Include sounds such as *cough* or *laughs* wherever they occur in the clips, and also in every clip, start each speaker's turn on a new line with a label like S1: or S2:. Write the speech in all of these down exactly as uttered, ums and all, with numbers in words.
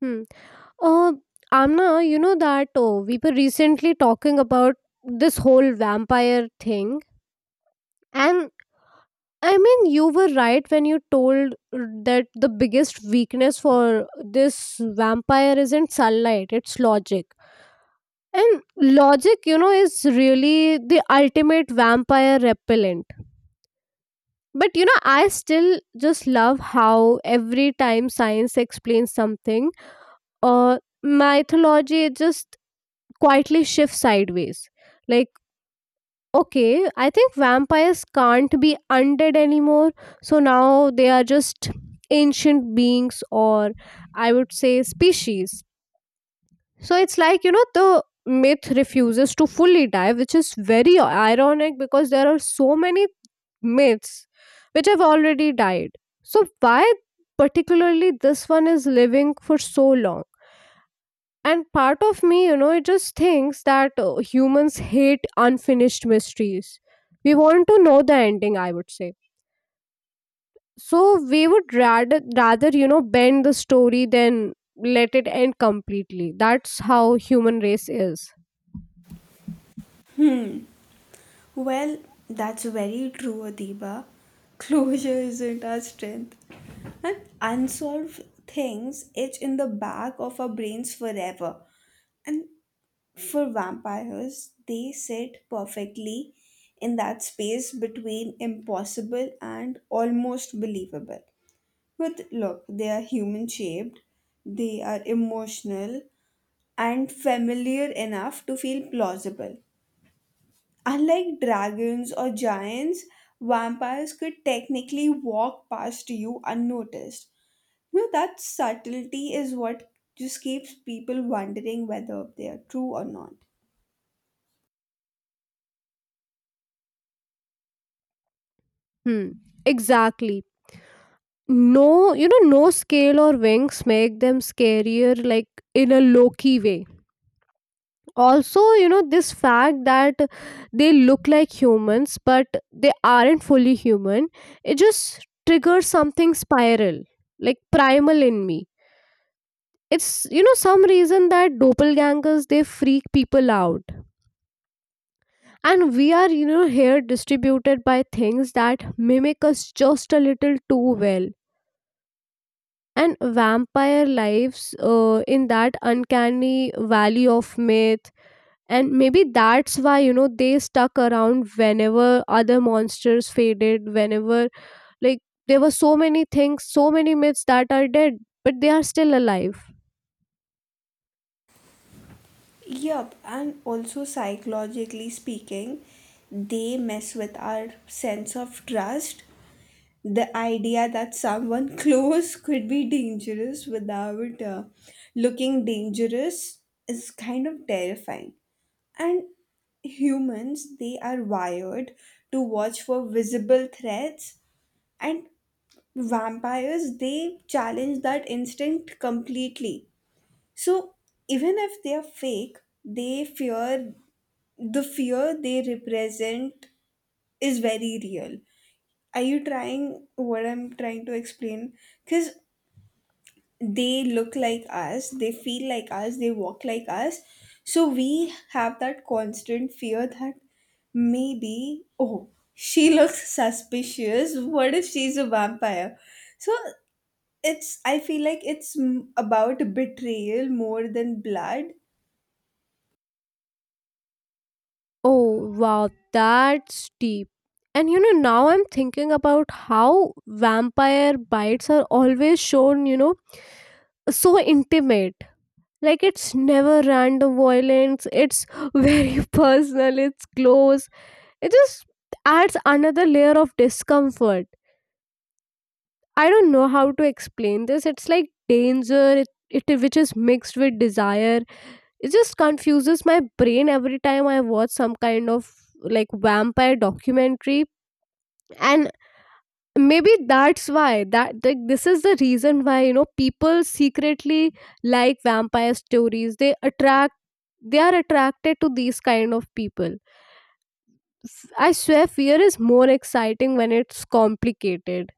S1: Hmm. Uh, Amna, you know that oh, we were recently talking about this whole vampire thing, and I mean, you were right when you told that the biggest weakness for this vampire isn't sunlight, it's logic. And logic, you know, is really the ultimate vampire repellent. But you know, I still just love how every time science explains something, uh, mythology just quietly shifts sideways. Like, okay, I think vampires can't be undead anymore, so now they are just ancient beings, or I would say species. So it's like, you know, the myth refuses to fully die, which is very ironic because there are so many myths which have already died. So, why particularly this one is living for so long? And part of me, you know, it just thinks that uh, humans hate unfinished mysteries. We want to know the ending, I would say. So we would rather, rather, you know, bend the story than let it end completely. That's how human race is.
S2: Well, that's very true, Adiba. Closure isn't our strength. And unsolved things itch in the back of our brains forever. And for vampires, they sit perfectly in that space between impossible and almost believable. But look, they are human shaped, they are emotional, and familiar enough to feel plausible. Unlike dragons or giants, vampires could technically walk past you unnoticed. You know, that subtlety is what just keeps people wondering whether they are true or not.
S1: Hmm. Exactly. No, you know, no scale or wings make them scarier, like in a Loki way. Also, you know, this fact that they look like humans, but they aren't fully human, it just triggers something spiral, like primal in me. It's, you know, some reason that doppelgangers, they freak people out. And we are, you know, here distributed by things that mimic us just a little too well, and vampire lives uh, in that uncanny valley of myth, and maybe that's why, you know, they stuck around whenever other monsters faded. Whenever, like, there were so many things, so many myths that are dead, but they are still alive.
S2: Yup, and also psychologically speaking, they mess with our sense of trust. The idea that someone *laughs* close could be dangerous without uh, looking dangerous is kind of terrifying. And humans, they are wired to watch for visible threats, and vampires, they challenge that instinct completely. So, even if they are fake, they fear the fear they represent is very real. Are you trying what I'm trying to explain? Because they look like us, they feel like us, they walk like us. So we have that constant fear that maybe, oh, she *laughs* looks suspicious. What if she's a vampire? So it's, I feel like it's m- about betrayal more than blood.
S1: Oh wow, that's deep. And you know, now I'm thinking about how vampire bites are always shown, you know, so intimate. Like, it's never random violence, it's very *laughs* personal, it's close. It just adds another layer of discomfort. I don't know how to explain this. It's like danger it, it which is mixed with desire. It just confuses my brain every time I watch some kind of, like, vampire documentary. And maybe that's why, that like, this is the reason why, you know, people secretly, like, vampire stories, they attract they are attracted to these kind of people. F- I swear fear is more exciting when it's complicated.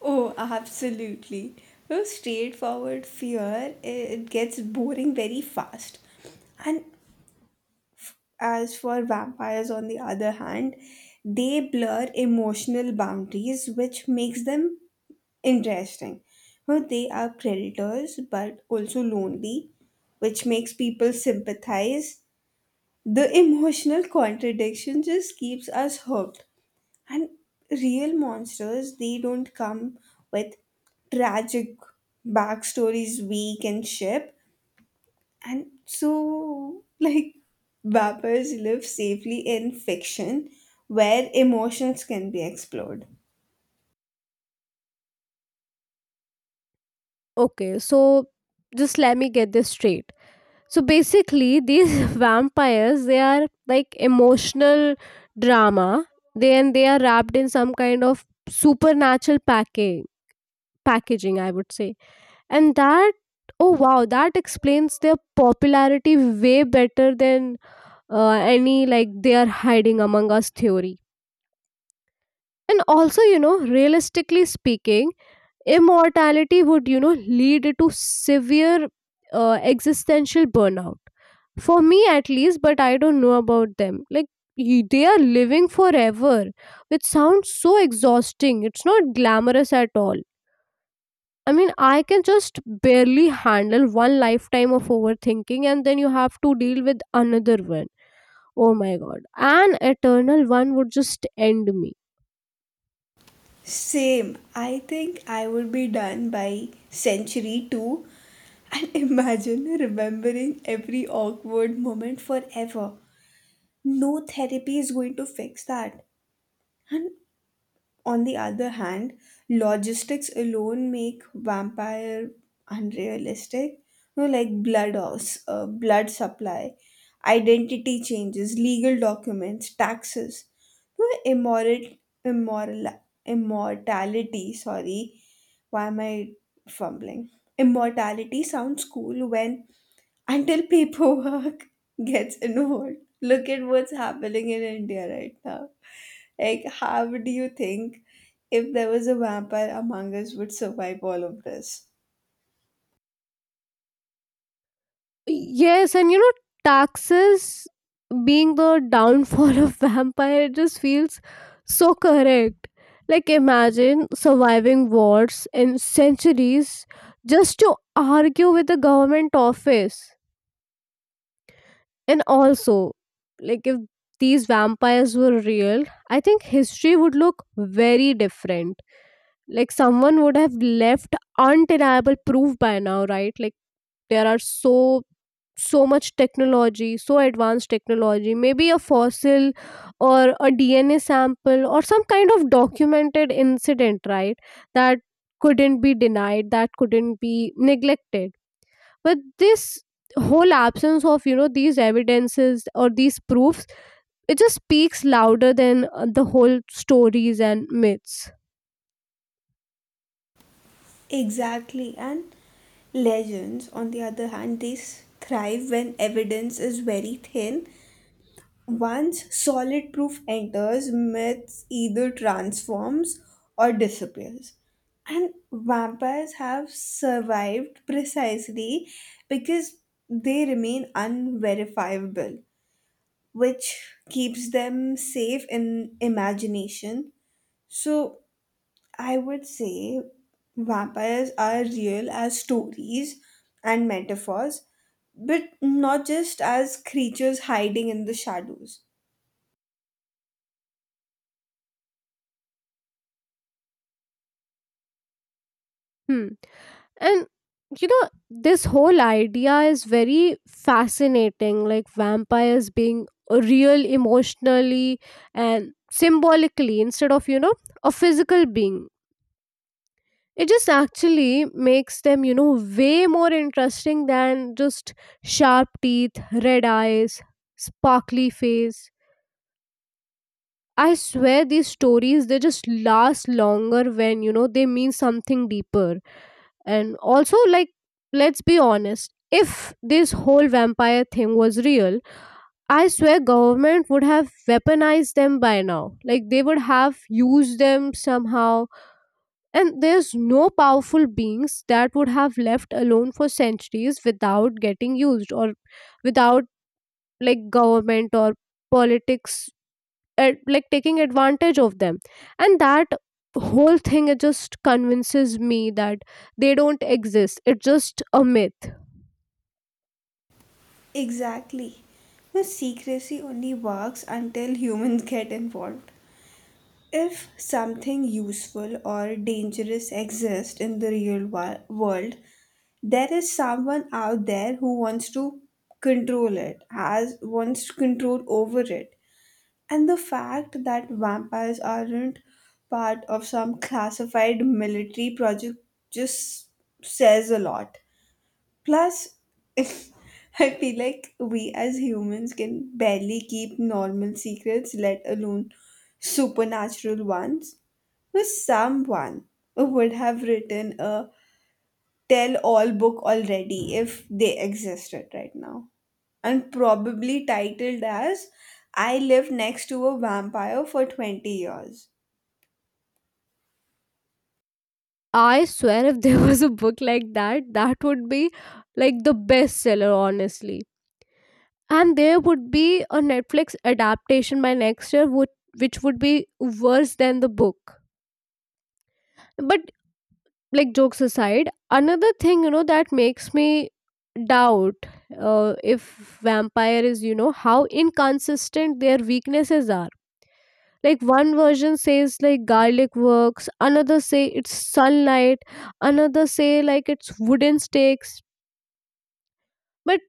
S2: Oh, absolutely. No straightforward fear, it gets boring very fast. And as for vampires, on the other hand, they blur emotional boundaries, which makes them interesting. Well, they are predators but also lonely, which makes people sympathize. The emotional contradiction just keeps us hooked. And real monsters, they don't come with tragic backstories we can ship. And so, like, vapors live safely in fiction where emotions can be explored.
S1: Okay, so just let me get this straight. So basically, these *laughs* vampires, they are like emotional drama. They and they are wrapped in some kind of supernatural packing packaging, I would say, and that, oh wow, that explains their popularity way better than uh, any like they are hiding among us theory. And also, you know, realistically speaking, immortality would, you know, lead to severe uh, existential burnout for me at least, but I don't know about them. Like, y- they are living forever, which sounds so exhausting. It's not glamorous at all. I mean, I can just barely handle one lifetime of overthinking, and then you have to deal with another one. Oh my god, an eternal one would just end me.
S2: Same. I think I would be done by century two and *laughs* imagine remembering every awkward moment forever. No therapy is going to fix that. And on the other hand, logistics alone make vampire unrealistic. You know, like blood offs, uh, blood supply, identity changes, legal documents, taxes, you know, immoral, immoral, immortality. Sorry, why am I fumbling? Immortality sounds cool when until paperwork *laughs* gets involved. Look at what's happening in India right now. Like, how do you think if there was a vampire among us would survive all of this?
S1: Yes, and you know, taxes being the downfall of *laughs* vampire, it just feels so correct. Like, imagine surviving wars and centuries just to argue with the government office. And also, like, if these vampires were real, I think history would look very different. Like, someone would have left undeniable proof by now, right? Like, there are so, so much technology, so advanced technology, maybe a fossil or a DNA sample or some kind of documented incident, right, that couldn't be denied, that couldn't be neglected. But this whole absence of, you know, these evidences or these proofs, it just speaks louder than uh, the whole stories and myths.
S2: Exactly. And legends, on the other hand, they thrive when evidence is very thin. Once solid proof enters, myths either transforms or disappears. And vampires have survived precisely because they remain unverifiable, which keeps them safe in imagination. So I would say vampires are real as stories and metaphors, but not just as creatures hiding in the shadows.
S1: Hmm. And you know, this whole idea is very fascinating, like vampires being real emotionally and symbolically instead of, you know, a physical being. It just actually makes them, you know, way more interesting than just sharp teeth, red eyes, sparkly face. I swear these stories, they just last longer when, you know, they mean something deeper. And also, like, let's be honest. If this whole vampire thing was real, I swear government would have weaponized them by now. Like, they would have used them somehow. And there's no powerful beings that would have left alone for centuries without getting used, or without, like, government or politics at, like, taking advantage of them. And that whole thing, it just convinces me that they don't exist. It's just a myth.
S2: Exactly. No, secrecy only works until humans *laughs* get involved. If something useful or dangerous exists in the real wo- world, there is someone out there who wants to control it has wants control over it, and the fact that vampires aren't part of some classified military project just says a lot. Plus, *laughs* I feel like we as humans can barely keep normal secrets, let alone supernatural ones. So someone would have written a tell all book already if they existed right now. And probably titled as I Lived Next to a Vampire for twenty Years.
S1: I swear if there *laughs* was a book like that, that would be, like, the bestseller, honestly. And there would be a Netflix adaptation by next year, would, which would be worse than the book. But, like, jokes aside, another thing, you know, that makes me doubt, uh, if vampire is, you know, how inconsistent their weaknesses are. Like, one version says, like, garlic works, another say it's sunlight, another say, like, it's wooden stakes. But,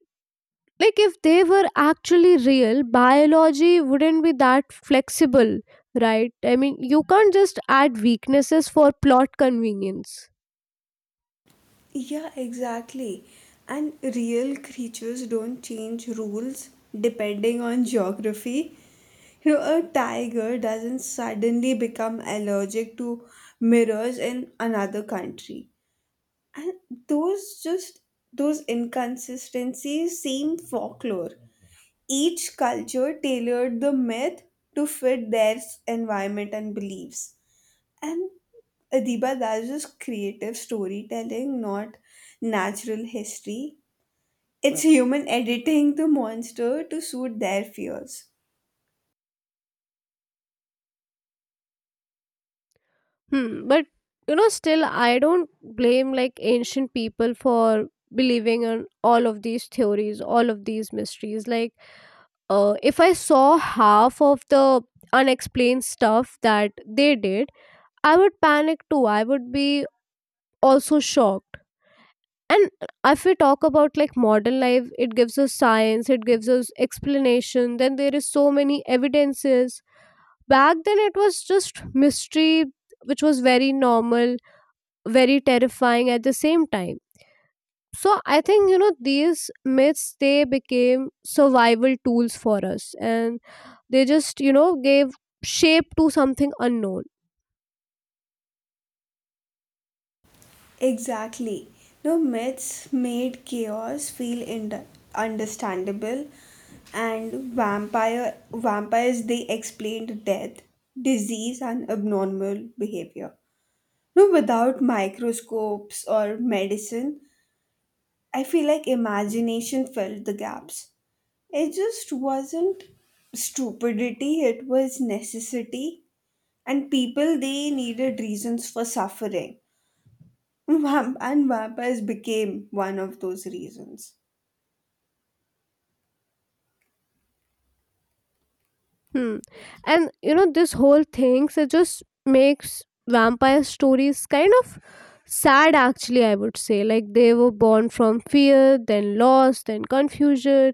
S1: like, if they were actually real, biology wouldn't be that flexible, right? I mean, you can't just add weaknesses for plot convenience.
S2: Yeah, exactly. And real creatures don't change rules depending on geography. You know, a tiger doesn't suddenly become allergic to mirrors in another country. And those just those inconsistencies seem folklore. Each culture tailored the myth to fit their s- environment and beliefs. And Adiba, that's just creative storytelling, not natural history. It's human editing the monster to suit their fears.
S1: Hmm. But you know, still, I don't blame, like, ancient people for believing in all of these theories, all of these mysteries. Like, uh, if I saw half of the unexplained stuff that they did, I would panic too. I would be also shocked. And if we talk about, like, modern life, it gives us science, it gives us explanation. Then there is so many evidences. Back then, it was just mystery, which was very normal, very terrifying at the same time. So I think, you know, these myths, they became survival tools for us, and they just, you know, gave shape to something unknown.
S2: Exactly. No, myths made chaos feel ind- understandable, and vampire vampires they explained death, disease, and abnormal behavior. No, without microscopes or medicine, I feel like imagination filled the gaps. It just wasn't stupidity, it was necessity. And people, they needed reasons for suffering. *laughs* Vamp- And vampires became one of those reasons.
S1: Hmm. And you know, this whole thing, so it just makes vampire stories kind of sad, actually, I would say. Like, they were born from fear, then loss, then confusion,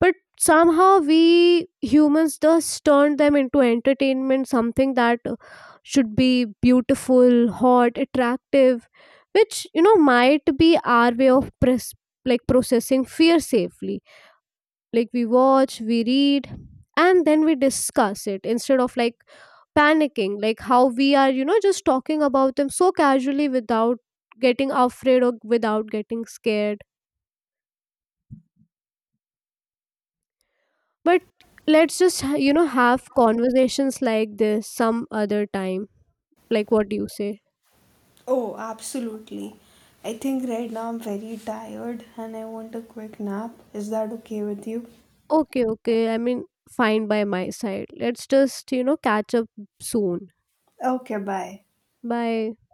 S1: but somehow we humans just turned them into entertainment, something that uh, should be beautiful, hot, attractive, which, you know, might be our way of pres- like processing fear safely. Like, we watch, we read, and then we discuss it instead of, like, panicking, like how we are, you know, just talking about them so casually without getting afraid or without getting scared. But let's just ha- you know, have conversations like this some other time. Like, what do you say?
S2: Oh, absolutely. I think right now I'm very tired and I want a quick nap. Is that okay with you?
S1: Okay, okay, I mean, fine by my side. Let's just, you know, catch up soon.
S2: Okay, bye.
S1: Bye.